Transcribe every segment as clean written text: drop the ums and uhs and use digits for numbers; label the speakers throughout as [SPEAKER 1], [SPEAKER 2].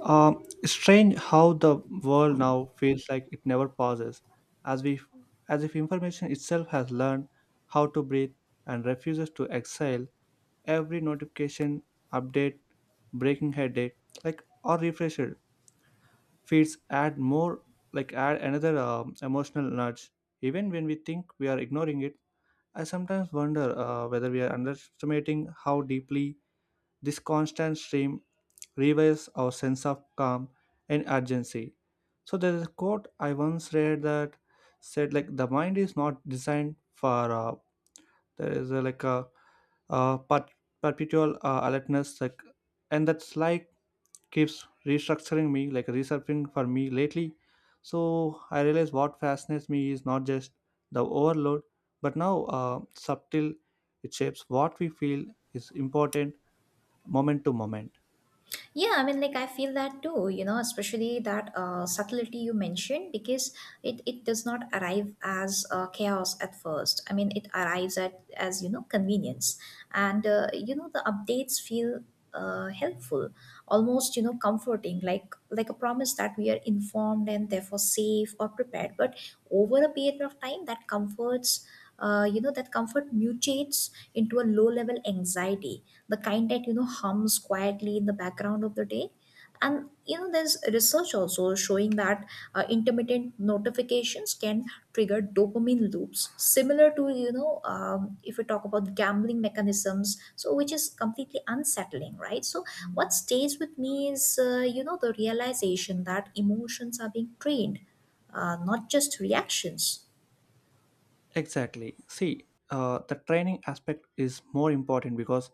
[SPEAKER 1] Strange how the world now feels like it never pauses, as we, as if information itself has learned how to breathe and refuses to exhale. Every notification, update, breaking headache, like or refresher feeds add more, like add another emotional nudge. Even when we think we are ignoring it, I sometimes wonder whether we are underestimating how deeply this constant stream revives our sense of calm and urgency. So there's a quote I once read that said like the mind is not designed for there is a, like a, per- perpetual alertness like and that's like keeps restructuring me like resurfacing for me lately. So I realize what fascinates me is not just the overload but now subtle it shapes what we feel is important moment to moment.
[SPEAKER 2] Yeah, I mean, like I feel that too, you know, especially that subtlety you mentioned, because it does not arrive as chaos at first. I mean, it arrives at as convenience, and the updates feel helpful, almost comforting, like a promise that we are informed and therefore safe or prepared. But over a period of time, that comforts that comfort mutates into a low level anxiety, the kind that hums quietly in the background of the day. And there's research also showing that intermittent notifications can trigger dopamine loops similar to, if we talk about gambling mechanisms, so which is completely unsettling, right? So what stays with me is the realization that emotions are being trained, not just reactions.
[SPEAKER 1] Exactly. See, the training aspect is more important because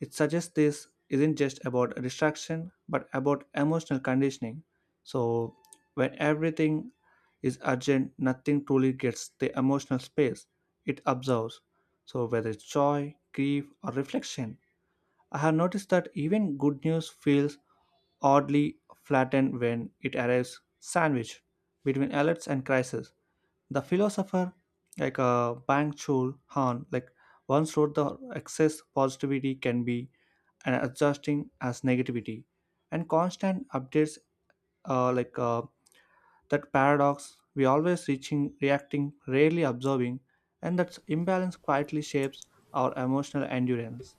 [SPEAKER 1] it suggests this isn't just about distraction but about emotional conditioning. So, when everything is urgent, nothing truly gets the emotional space it absorbs. So, whether it's joy, grief, or reflection, I have noticed that even good news feels oddly flattened when it arrives sandwiched between alerts and crises. The philosopher Bang Chul Han like once wrote the excess positivity can be an adjusting as negativity and constant updates uh, like uh, that paradox we always reaching reacting rarely observing and that imbalance quietly shapes our emotional endurance.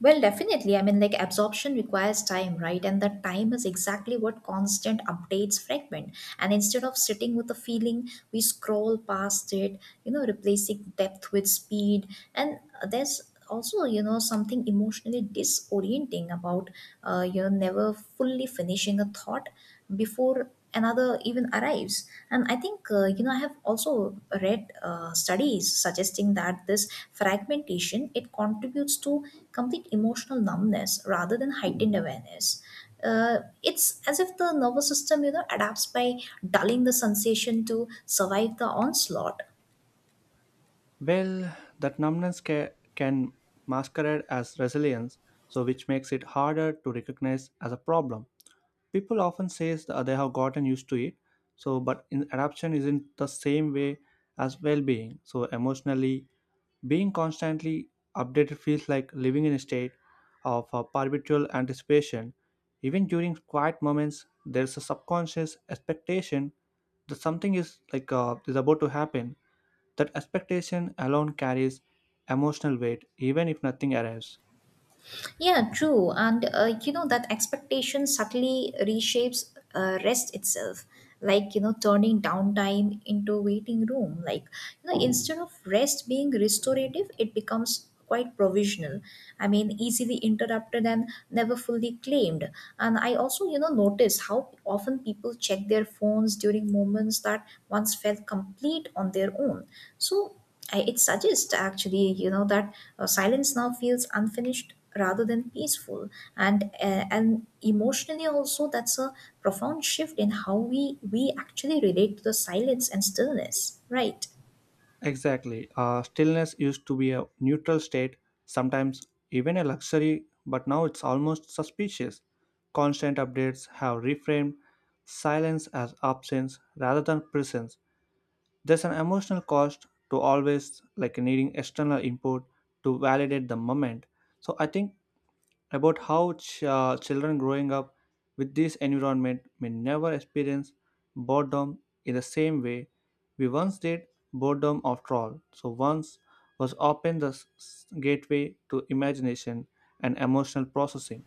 [SPEAKER 2] Well, definitely. I mean, like absorption requires time, right? And that time is exactly what constant updates fragment. And instead of sitting with a feeling, we scroll past it, you know, replacing depth with speed. And there's also, you know, something emotionally disorienting about, you know, never fully finishing a thought before another even arrives. And I think you know, I have also read studies suggesting that this fragmentation, it contributes to complete emotional numbness rather than heightened awareness. Uh, it's as if the nervous system, you know, adapts by dulling the sensation to survive the onslaught.
[SPEAKER 1] Well, that numbness can masquerade as resilience, so which makes it harder to recognize as a problem. People often say they have gotten used to it, so but in adaptation isn't the same way as well-being. So emotionally, being constantly updated feels like living in a state of perpetual anticipation. Even during quiet moments, there's a subconscious expectation that something is is about to happen. That expectation alone carries emotional weight, even if nothing arrives.
[SPEAKER 2] Yeah, true. And you know, that expectation subtly reshapes rest itself, like you know, turning downtime into waiting room. Like you know, instead of rest being restorative, it becomes quite provisional. I mean, easily interrupted and never fully claimed. And I also, you know, notice how often people check their phones during moments that once felt complete on their own. So it suggests actually, you know, that silence now feels unfinished rather than peaceful. And and emotionally also, that's a profound shift in how we actually relate to the silence and stillness, right?
[SPEAKER 1] Exactly. Stillness used to be a neutral state, sometimes even a luxury, but now it's almost suspicious. Constant updates have reframed silence as absence rather than presence. There's an emotional cost to always like needing external input to validate the moment. So I think about how children growing up with this environment may never experience boredom in the same way we once did boredom after all so once was often the gateway to imagination and emotional processing.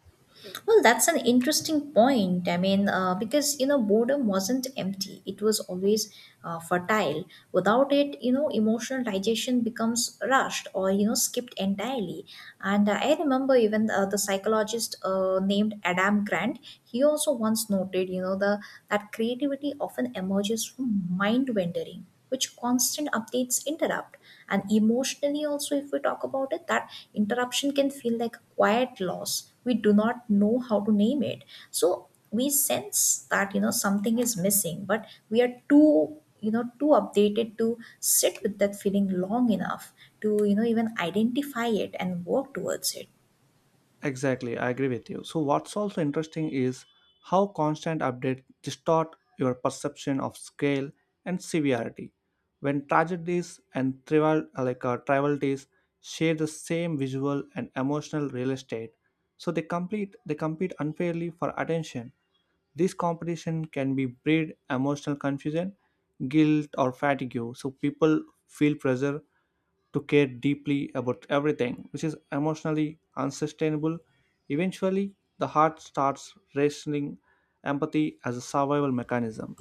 [SPEAKER 2] Well, that's an interesting point. I mean, because you know, boredom wasn't empty; it was always fertile. Without it, you know, emotional digestion becomes rushed or you know, skipped entirely. And I remember even the psychologist named Adam Grant. He also once noted, you know, the that creativity often emerges from mind wandering, which constant updates interrupt. And emotionally also, if we talk about it, that interruption can feel like a quiet loss we do not know how to name. It so we sense that, you know, something is missing, but we are too, you know, too updated to sit with that feeling long enough to, you know, even identify it and work towards it.
[SPEAKER 1] Exactly, I agree with you. So, what's also interesting is how constant updates distort your perception of scale and severity. When tragedies and trivial, trivialities, share the same visual and emotional real estate, so they compete unfairly for attention. This competition can be breed emotional confusion, guilt, or fatigue. So people feel pressure to care deeply about everything, which is emotionally unsustainable. Eventually, the heart starts rationing empathy as a survival mechanism.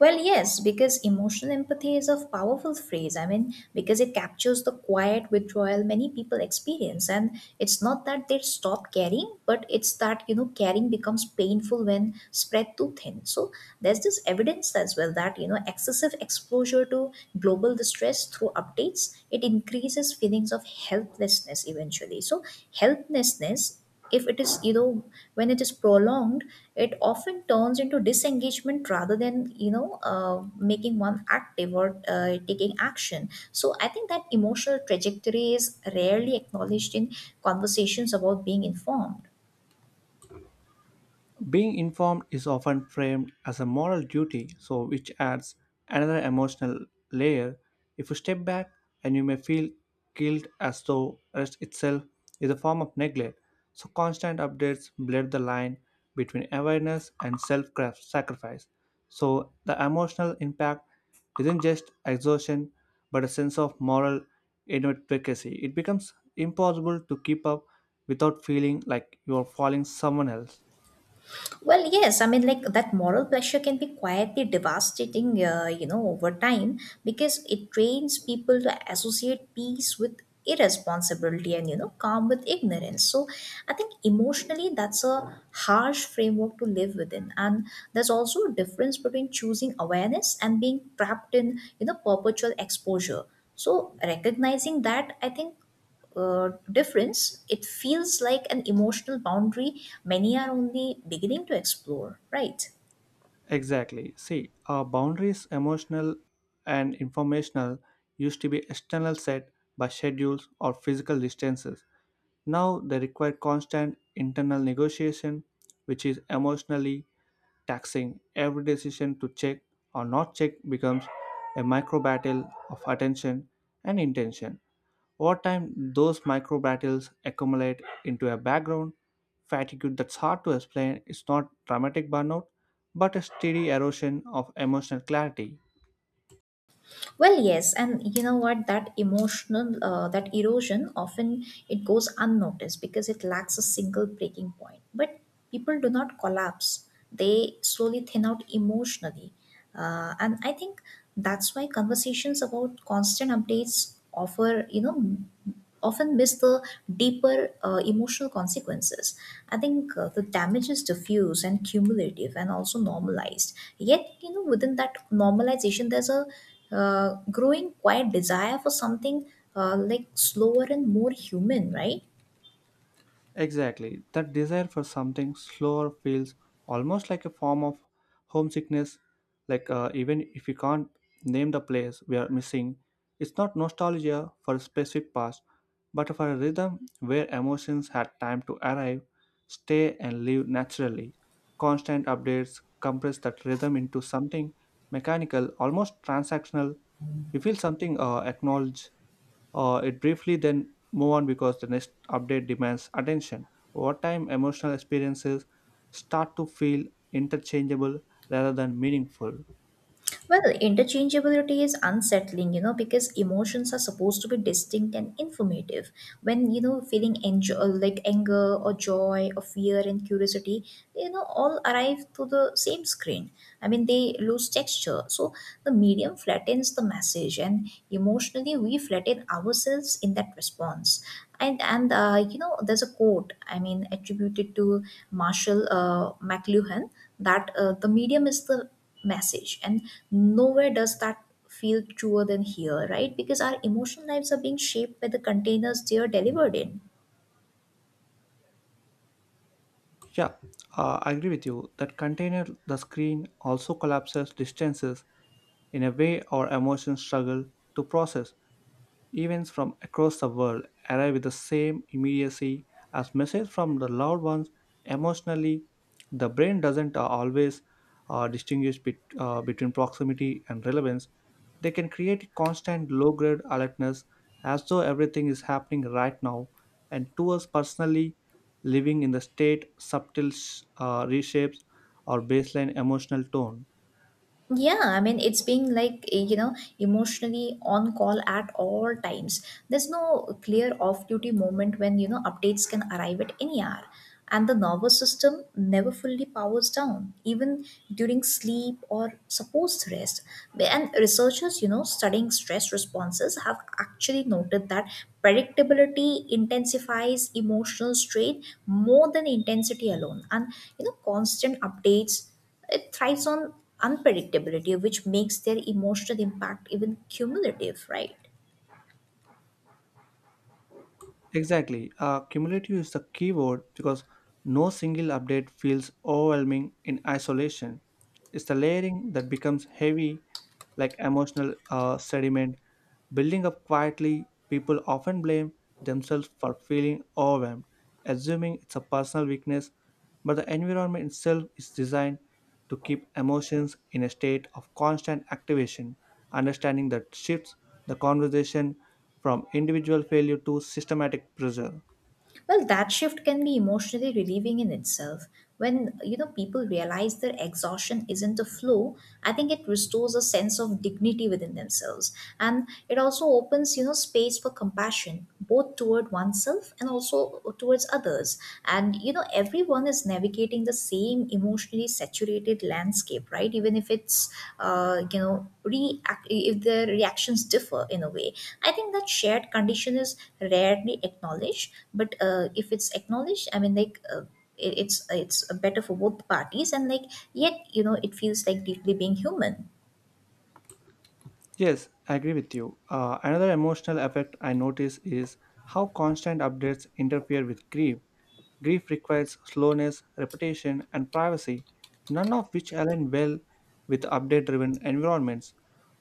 [SPEAKER 2] Well, yes, because emotional empathy is a powerful phrase. I mean, because it captures the quiet withdrawal many people experience. And it's not that they stop caring, but it's that, you know, caring becomes painful when spread too thin. So there's this evidence as well that, you know, excessive exposure to global distress through updates, it increases feelings of helplessness eventually. So helplessness, if it is, when it is prolonged, it often turns into disengagement rather than, you know, making one active or taking action. So I think that emotional trajectory is rarely acknowledged in conversations about being informed.
[SPEAKER 1] Being informed is often framed as a moral duty, so which adds another emotional layer. If you step back and you may feel guilt as though rest itself is a form of neglect. So constant updates blur the line between awareness and self-sacrifice. So the emotional impact isn't just exhaustion but a sense of moral inadequacy. It becomes impossible to keep up without feeling like you are following someone else.
[SPEAKER 2] Well, yes, I mean, like that moral pressure can be quietly devastating, you know, over time, because it trains people to associate peace with irresponsibility and, you know, calm with ignorance. So I think emotionally, that's a harsh framework to live within. And there's also a difference between choosing awareness and being trapped in, you know, perpetual exposure. So recognizing that, I think difference, it feels like an emotional boundary many are only beginning to explore, right?
[SPEAKER 1] Exactly. See, our boundaries, emotional and informational, used to be external set by schedules or physical distances. Now they require constant internal negotiation, which is emotionally taxing. Every decision to check or not check becomes a micro battle of attention and intention. Over time, those micro battles accumulate into a background fatigue that's hard to explain. It's not dramatic burnout, but a steady erosion of emotional clarity.
[SPEAKER 2] Well, yes, and you know what? That emotional, that erosion often, it goes unnoticed because it lacks a single breaking point. But people do not collapse; they slowly thin out emotionally, and I think that's why conversations about constant updates offer, you know, often miss the deeper emotional consequences. I think the damage is diffuse and cumulative and also normalized. Yet, you know, within that normalization, there's a growing quiet desire for something like slower and more human, right?
[SPEAKER 1] Exactly. That desire for something slower feels almost like a form of homesickness. Like, even if you can't name the place we are missing, it's not nostalgia for a specific past, but for a rhythm where emotions had time to arrive, stay, and live naturally. Constant updates compress that rhythm into something mechanical, almost transactional. You feel something acknowledged it briefly then move on because the next update demands attention over time emotional experiences start to feel interchangeable rather than meaningful.
[SPEAKER 2] Well, interchangeability is unsettling, you know, because emotions are supposed to be distinct and informative. When, you know, feeling like anger or joy or fear and curiosity, they, you know, all arrive to the same screen. I mean, they lose texture. So the medium flattens the message, and emotionally, we flatten ourselves in that response. And you know, there's a quote, I mean, attributed to Marshall McLuhan, that the medium is the message. And nowhere does that feel truer than here, right? Because our emotional lives are being shaped by the containers they are delivered in.
[SPEAKER 1] Yeah, I agree with you that container the screen also collapses distances in a way our emotions struggle to process. Events from across the world arrive with the same immediacy as messages from the loved ones. Emotionally, the brain doesn't always distinguish between proximity and relevance. They can create constant low grade alertness as though everything is happening right now. And to us personally, living in the state subtle reshapes our baseline emotional tone.
[SPEAKER 2] Yeah, I mean, it's being like, you know, emotionally on call at all times. There's no clear off duty moment, when you know, updates can arrive at any hour. And the nervous system never fully powers down, even during sleep or supposed rest. And researchers, you know, studying stress responses have actually noted that predictability intensifies emotional strain more than intensity alone. And, you know, constant updates, it thrives on unpredictability, which makes their emotional impact even cumulative, right?
[SPEAKER 1] Exactly. Cumulative is the key word because no single update feels overwhelming in isolation. It's the layering that becomes heavy, like emotional sediment, building up quietly. People often blame themselves for feeling overwhelmed, assuming it's a personal weakness, but the environment itself is designed to keep emotions in a state of constant activation. Understanding that shifts the conversation from individual failure to systematic pressure.
[SPEAKER 2] Well, that shift can be emotionally relieving in itself. When, you know, people realize their exhaustion isn't a flaw, I think it restores a sense of dignity within themselves, and it also opens, you know, space for compassion, both toward oneself and also towards others. And you know, everyone is navigating the same emotionally saturated landscape, right? Even if it's you know, react if the reactions differ in a way, I think that shared condition is rarely acknowledged. But if it's acknowledged, I mean, it- it's it's better for both parties. And like, yet you know, it feels like deeply being human.
[SPEAKER 1] Yes, I agree with you. Another emotional effect I notice is how constant updates interfere with grief. Grief requires slowness, repetition, and privacy, none of which align well with update driven environments.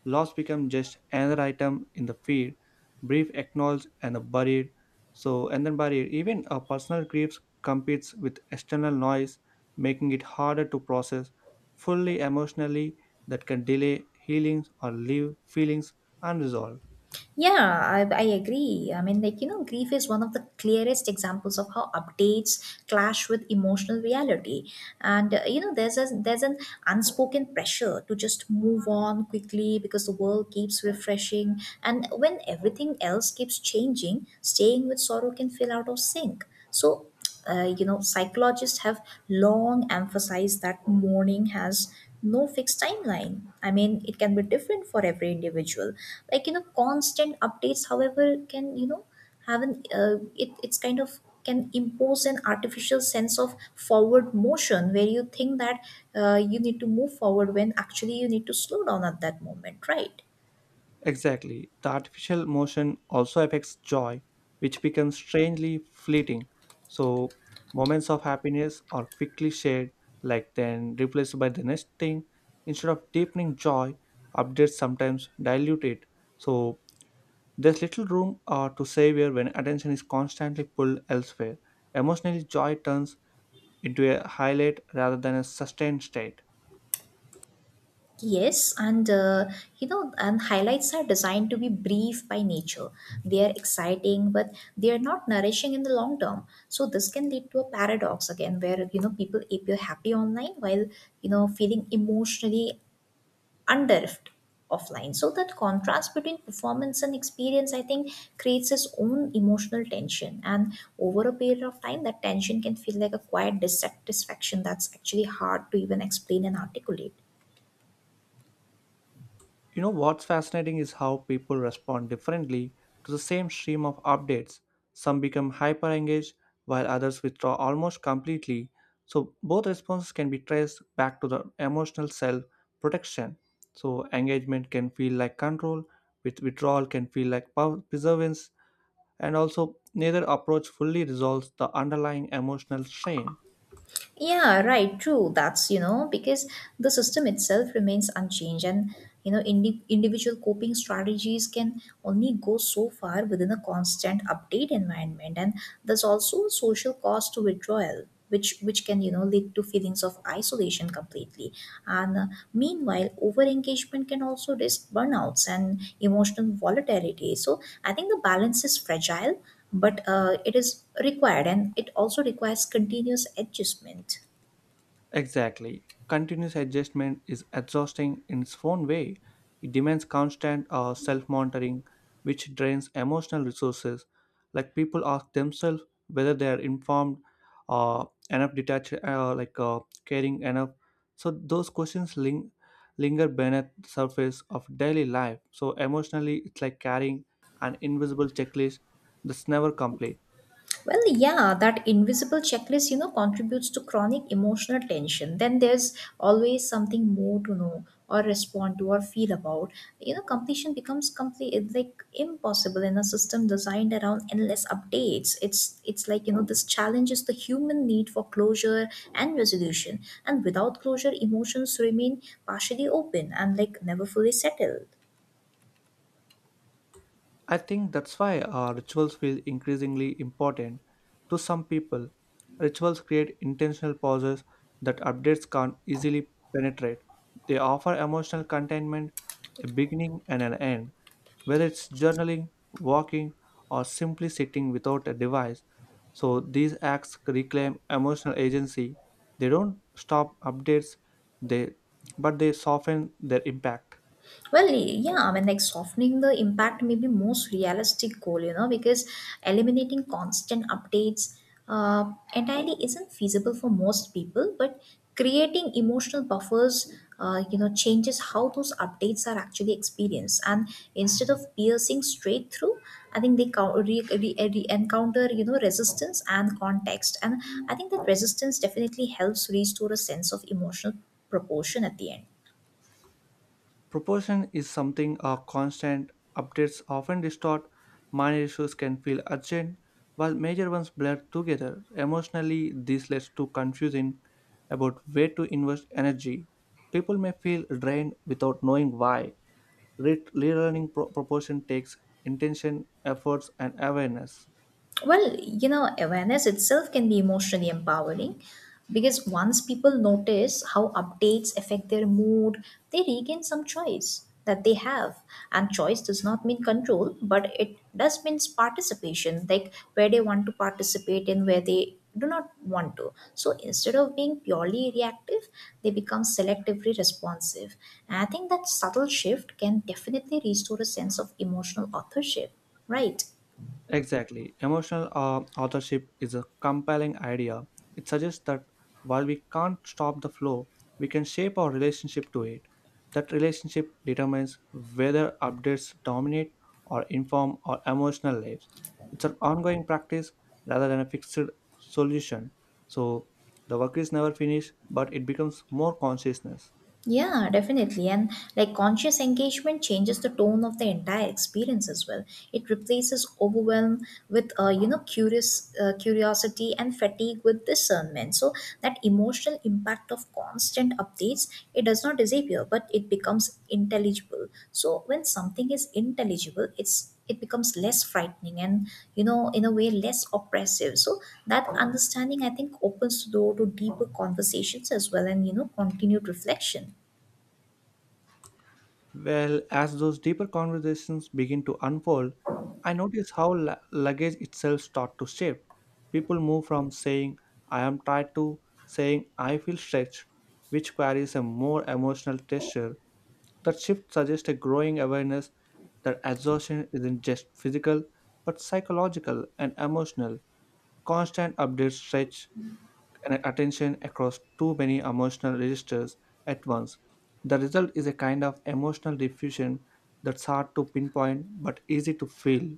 [SPEAKER 1] Loss becomes just another item in the feed, brief acknowledged and buried. So, and then barrier, even a personal grief competes with external noise, making it harder to process fully emotionally that can delay healings or leave feelings unresolved.
[SPEAKER 2] Yeah, I agree. I mean, like, you know, grief is one of the clearest examples of how updates clash with emotional reality. And, you know, there's an unspoken pressure to just move on quickly because the world keeps refreshing. And when everything else keeps changing, staying with sorrow can feel out of sync. So you know, psychologists have long emphasized that mourning has no fixed timeline. I mean, it can be different for every individual. Like you know, constant updates, however, can, you know, have an it's kind of can impose an artificial sense of forward motion, where you think that you need to move forward when actually you need to slow down at that moment, right?
[SPEAKER 1] Exactly. The artificial motion also affects joy, which becomes strangely fleeting. So, moments of happiness are quickly shared, like then replaced by the next thing. Instead of deepening joy, updates sometimes dilute it. So, there's little room to savor when attention is constantly pulled elsewhere. Emotionally, joy turns into a highlight rather than a sustained state.
[SPEAKER 2] Yes, and you know, and highlights are designed to be brief by nature. They are exciting, but they are not nourishing in the long term. So this can lead to a paradox again, where you know, people appear happy online while, you know, feeling emotionally underived offline. So that contrast between performance and experience, I think, creates its own emotional tension. And over a period of time, that tension can feel like a quiet dissatisfaction that's actually hard to even explain and articulate.
[SPEAKER 1] You know what's fascinating is how people respond differently to the same stream of updates. Some become hyper engaged while others withdraw almost completely. So both responses can be traced back to the emotional self protection. So engagement can feel like control, with withdrawal can feel like perseverance. And also neither approach fully resolves the underlying emotional strain.
[SPEAKER 2] Yeah, right, true. That's, you know, because the system itself remains unchanged, and, you know, individual coping strategies can only go so far within a constant update environment. And there's also a social cost to withdrawal. Which can, you know, lead to feelings of isolation completely. And meanwhile, over engagement can also risk burnouts and emotional volatility. So I think the balance is fragile, but it is required and it also requires continuous adjustment.
[SPEAKER 1] Exactly. Continuous adjustment is exhausting in its own way. It demands constant self monitoring, which drains emotional resources. Like people ask themselves whether they are informed, enough detached, caring enough. So those questions linger beneath the surface of daily life. So emotionally, it's like carrying an invisible checklist that's never complete.
[SPEAKER 2] Well yeah, that invisible checklist, you know, contributes to chronic emotional tension. Then there's always something more to know or respond to or feel about. You know, completion becomes complete, like impossible in a system designed around endless updates. It's like you know, this challenges the human need for closure and resolution. And without closure, emotions remain partially open and like never fully settled.
[SPEAKER 1] I think that's why our rituals feel increasingly important to some people. Rituals create intentional pauses that updates can't easily penetrate. They offer emotional containment, a beginning and an end. Whether it's journaling, walking, or simply sitting without a device, so these acts reclaim emotional agency. They don't stop updates, they But they soften their impact.
[SPEAKER 2] Well, yeah, I mean, like softening the impact may be most realistic goal, you know, because eliminating constant updates entirely isn't feasible for most people. But creating emotional buffers, you know, changes how those updates are actually experienced. And instead of piercing straight through, I think they encounter, you know, resistance and context. And I think that resistance definitely helps restore a sense of emotional proportion at the end.
[SPEAKER 1] Proportion is something our constant updates often distort. Minor issues can feel urgent, while major ones blur together. Emotionally, this leads to confusion about where to invest energy. People may feel drained without knowing why. Relearning proportion takes intention, efforts, and awareness.
[SPEAKER 2] Well, you know, awareness itself can be emotionally empowering, because once people notice how updates affect their mood, they regain some choice that they have. And choice does not mean control, but it does means participation, like where they want to participate and where they do not want to. So instead of being purely reactive, they become selectively responsive. And I think that subtle shift can definitely restore a sense of emotional authorship, right?
[SPEAKER 1] Exactly. Emotional authorship is a compelling idea. It suggests that while we can't stop the flow, we can shape our relationship to it. That relationship determines whether updates dominate or inform our emotional lives. It's an ongoing practice rather than a fixed solution. So the work is never finished, but it becomes more consciousness.
[SPEAKER 2] Yeah, definitely. And like conscious engagement changes the tone of the entire experience as well. It replaces overwhelm with you know curious curiosity and fatigue with discernment. So that emotional impact of constant updates, it does not disappear, but it becomes intelligible. So when something is intelligible, it becomes less frightening and, in a way, less oppressive. So that understanding, I think, opens the door to deeper conversations as well and, continued reflection.
[SPEAKER 1] Well, as those deeper conversations begin to unfold, I notice how luggage itself starts to shift. People move from saying, I am tired to saying, I feel stretched, which carries a more emotional texture. That shift suggests a growing awareness that exhaustion isn't just physical, but psychological and emotional. Constant updates stretch and attention across too many emotional registers at once. The result is a kind of emotional diffusion that's hard to pinpoint but easy to feel.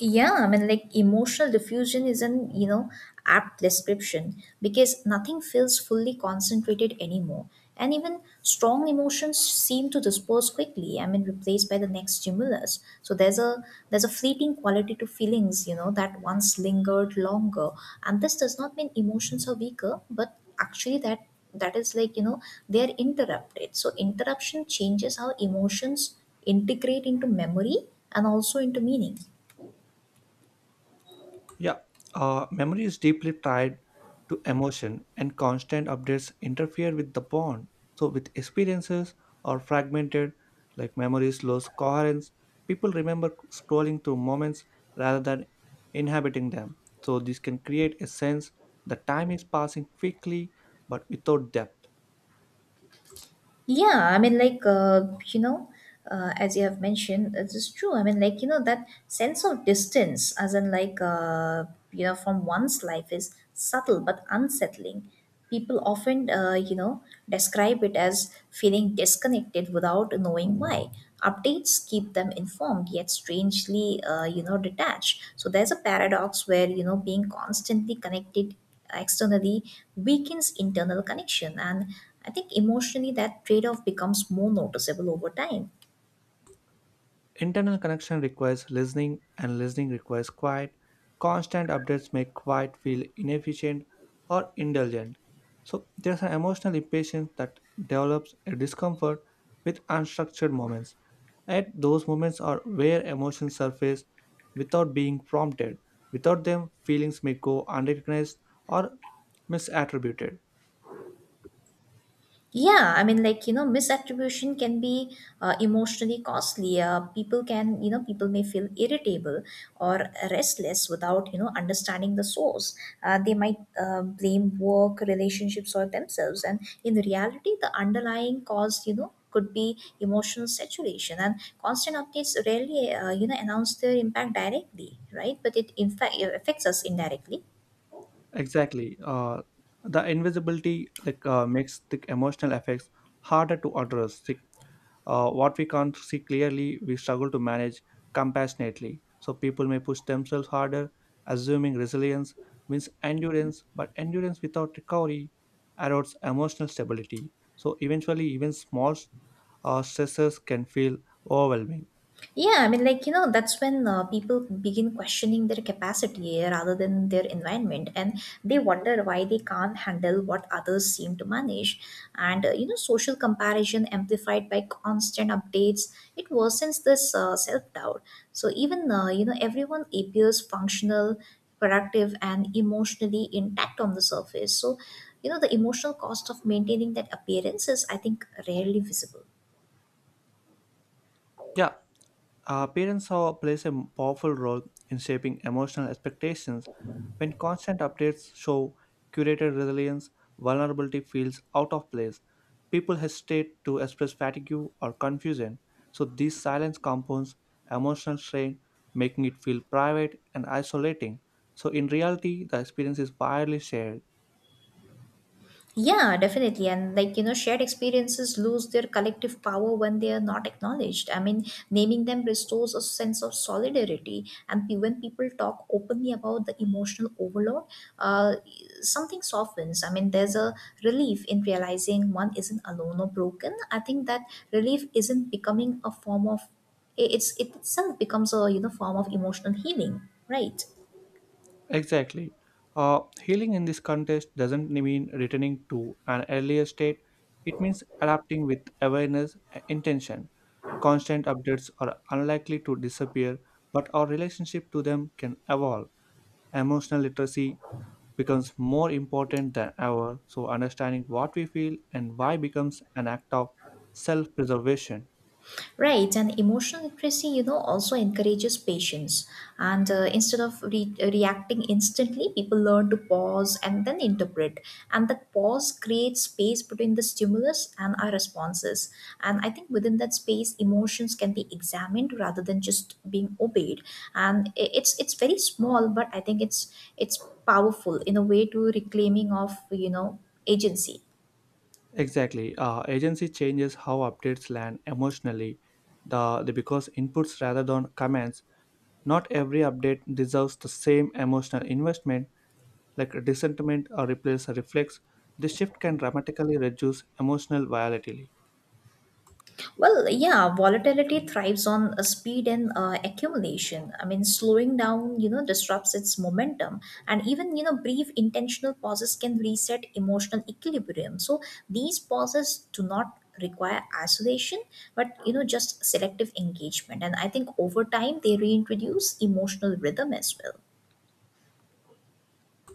[SPEAKER 2] Yeah, I mean, like emotional diffusion is an, apt description, because nothing feels fully concentrated anymore. And even strong emotions seem to disperse quickly, I mean, replaced by the next stimulus. So there's a fleeting quality to feelings, that once lingered longer. And this does not mean emotions are weaker, but actually that that is like, you know, they're interrupted. So interruption changes how emotions integrate into memory and also into meaning.
[SPEAKER 1] Yeah, memory is deeply tied to emotion, and constant updates interfere with the bond. So, with experiences are fragmented, like memories lose coherence, people remember scrolling through moments rather than inhabiting them. So, this can create a sense that time is passing quickly but without depth.
[SPEAKER 2] Yeah, I mean, like, as you have mentioned, it is true. I mean, like, that sense of distance, as in, like, from one's life is subtle but unsettling. People often, describe it as feeling disconnected without knowing why. Updates keep them informed, yet strangely, detached. So there's a paradox where, being constantly connected externally weakens internal connection, and I think emotionally that trade-off becomes more noticeable over time.
[SPEAKER 1] Internal connection requires listening, and listening requires quiet. Constant updates make quiet feel inefficient or indulgent. So, there's an emotional impatience that develops a discomfort with unstructured moments. At those moments are where emotions surface without being prompted. Without them, feelings may go unrecognized or misattributed.
[SPEAKER 2] Yeah, I mean, like, misattribution can be emotionally costly. People can, you know, People may feel irritable or restless without, understanding the source. They might blame work, relationships, or themselves. And in reality, the underlying cause, could be emotional saturation, and constant updates rarely announce their impact directly, right? But it in fact affects us indirectly.
[SPEAKER 1] Exactly. The invisibility makes the emotional effects harder to address. Like, what we can't see clearly, we struggle to manage compassionately. So people may push themselves harder, assuming resilience means endurance, but endurance without recovery erodes emotional stability. So eventually, even small stresses can feel overwhelming.
[SPEAKER 2] Yeah, I mean, like, that's when people begin questioning their capacity rather than their environment, and they wonder why they can't handle what others seem to manage. And, social comparison amplified by constant updates, it worsens this self doubt. So, even, everyone appears functional, productive, and emotionally intact on the surface. So, the emotional cost of maintaining that appearance is, I think, rarely visible.
[SPEAKER 1] Yeah, parents are, plays a powerful role in shaping emotional expectations. When constant updates show curated resilience, vulnerability feels out of place. People hesitate to express fatigue or confusion, so these silence compounds emotional strain, making it feel private and isolating. So in reality, the experience is widely shared.
[SPEAKER 2] Yeah, definitely. And like, shared experiences lose their collective power when they are not acknowledged. I mean, naming them restores a sense of solidarity. And when people talk openly about the emotional overload, uh, something softens. I mean, there's a relief in realizing one isn't alone or broken. I think that relief isn't becoming a form of, it's, it itself becomes a, form of emotional healing, right?
[SPEAKER 1] Exactly. Healing in this context doesn't mean returning to an earlier state, it means adapting with awareness and intention. Constant updates are unlikely to disappear, but our relationship to them can evolve. Emotional literacy becomes more important than ever. So, understanding what we feel and why becomes an act of self preservation.
[SPEAKER 2] Right, and emotional literacy, also encourages patience. And instead of reacting instantly, people learn to pause and then interpret. And that pause creates space between the stimulus and our responses. And I think within that space, emotions can be examined rather than just being obeyed. And it's very small, but I think it's powerful in a way to reclaiming of, agency.
[SPEAKER 1] Exactly. Agency changes how updates land emotionally the because inputs rather than commands. Not every update deserves the same emotional investment like resentment or replace a reflex, this shift can dramatically reduce emotional volatility.
[SPEAKER 2] Well, yeah, volatility thrives on speed and accumulation. I mean, slowing down, disrupts its momentum, and even, brief intentional pauses can reset emotional equilibrium. So these pauses do not require isolation, but, just selective engagement. And I think over time they reintroduce emotional rhythm as well.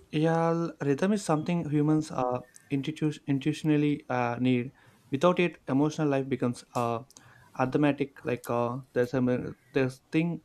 [SPEAKER 1] Yeah, rhythm is something humans intuitionally need. Without it, emotional life becomes automatic. Like there's thing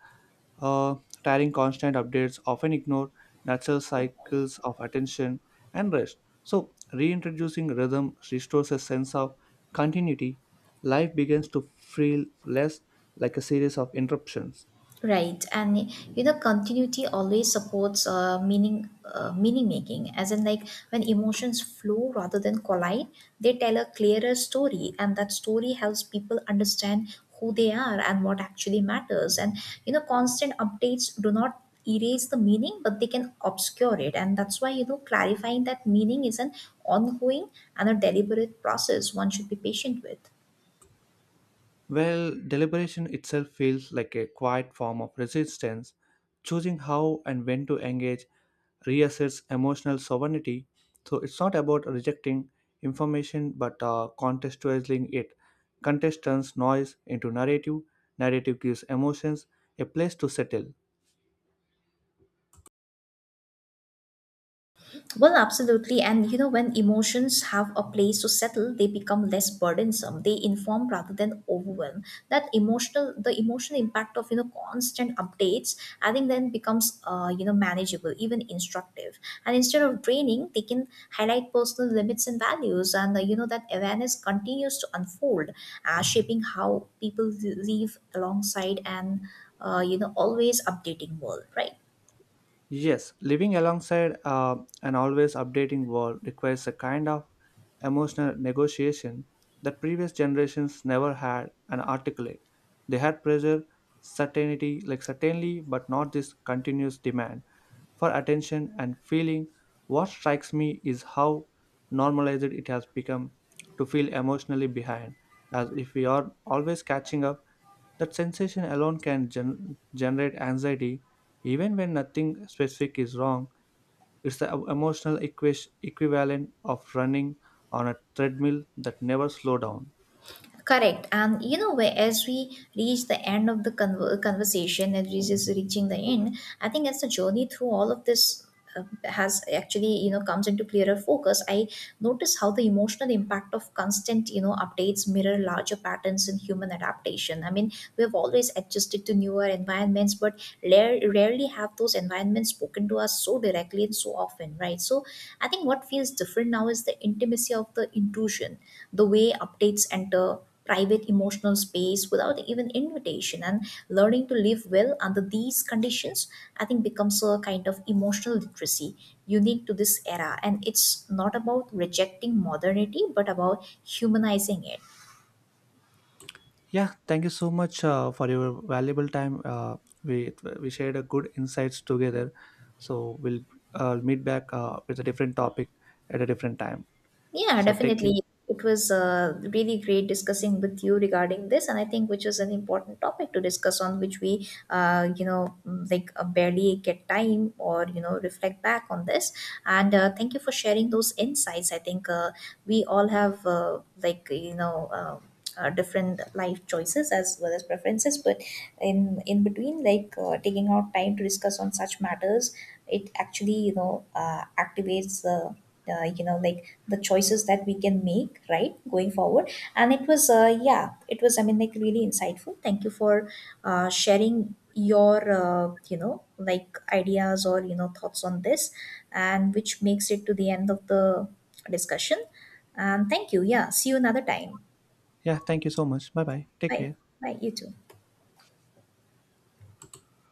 [SPEAKER 1] uh, tiring constant updates often ignore natural cycles of attention and rest. So, reintroducing rhythm restores a sense of continuity. Life begins to feel less like a series of interruptions.
[SPEAKER 2] Right, and, continuity always supports meaning making. As in, like when emotions flow rather than collide, they tell a clearer story, and that story helps people understand who they are and what actually matters. And, constant updates do not erase the meaning, but they can obscure it, and that's why, clarifying that meaning is an ongoing and a deliberate process one should be patient with.
[SPEAKER 1] Well, deliberation itself feels like a quiet form of resistance. Choosing how and when to engage reasserts emotional sovereignty. So it's not about rejecting information but contextualizing it. Context turns noise into narrative, narrative gives emotions a place to settle.
[SPEAKER 2] Well, absolutely. And, when emotions have a place to settle, they become less burdensome. They inform rather than overwhelm. The emotional impact of, constant updates, I think then becomes, manageable, even instructive. And instead of draining, they can highlight personal limits and values, and, that awareness continues to unfold, shaping how people live alongside and, always updating world, right?
[SPEAKER 1] Yes, living alongside an always updating world requires a kind of emotional negotiation that previous generations never had and articulate. They had pressure, certainty, like certainly, but not this continuous demand for attention and feeling. What strikes me is how normalized it has become to feel emotionally behind, as if we are always catching up that sensation alone can generate anxiety, even when nothing specific is wrong. It's the emotional equivalent of running on a treadmill that never slow down.
[SPEAKER 2] Correct. And, where as we reach the end of the conversation, as we just reaching the end, I think as the journey through all of this uh, has actually, comes into clearer focus, I notice how the emotional impact of constant, updates mirror larger patterns in human adaptation. I mean, we have always adjusted to newer environments, but rarely have those environments spoken to us so directly and so often, right? So I think what feels different now is the intimacy of the intrusion, the way updates enter private emotional space without even invitation, and learning to live well under these conditions, I think becomes a kind of emotional literacy unique to this era, and it's not about rejecting modernity but about humanizing it.
[SPEAKER 1] Yeah, thank you so much for your valuable time. We we shared a good insights together. So we'll meet back with a different topic at a different time.
[SPEAKER 2] Yeah,
[SPEAKER 1] So take care.
[SPEAKER 2] definitely. It was really great discussing with you regarding this, and I think which was an important topic to discuss on which we, barely get time or, reflect back on this. And thank you for sharing those insights. I think we all have, different life choices as well as preferences, but in between, taking out time to discuss on such matters, it actually, activates the, uh, you know like the choices that we can make, right, going forward. And it was, yeah it was, really insightful. Thank you for sharing your, ideas, or, thoughts on this, and which makes it to the end of the discussion. And thank you. Yeah, see you another time.
[SPEAKER 1] Yeah, thank you so much. Bye bye. Take
[SPEAKER 2] Bye.
[SPEAKER 1] care.
[SPEAKER 2] Bye, you too.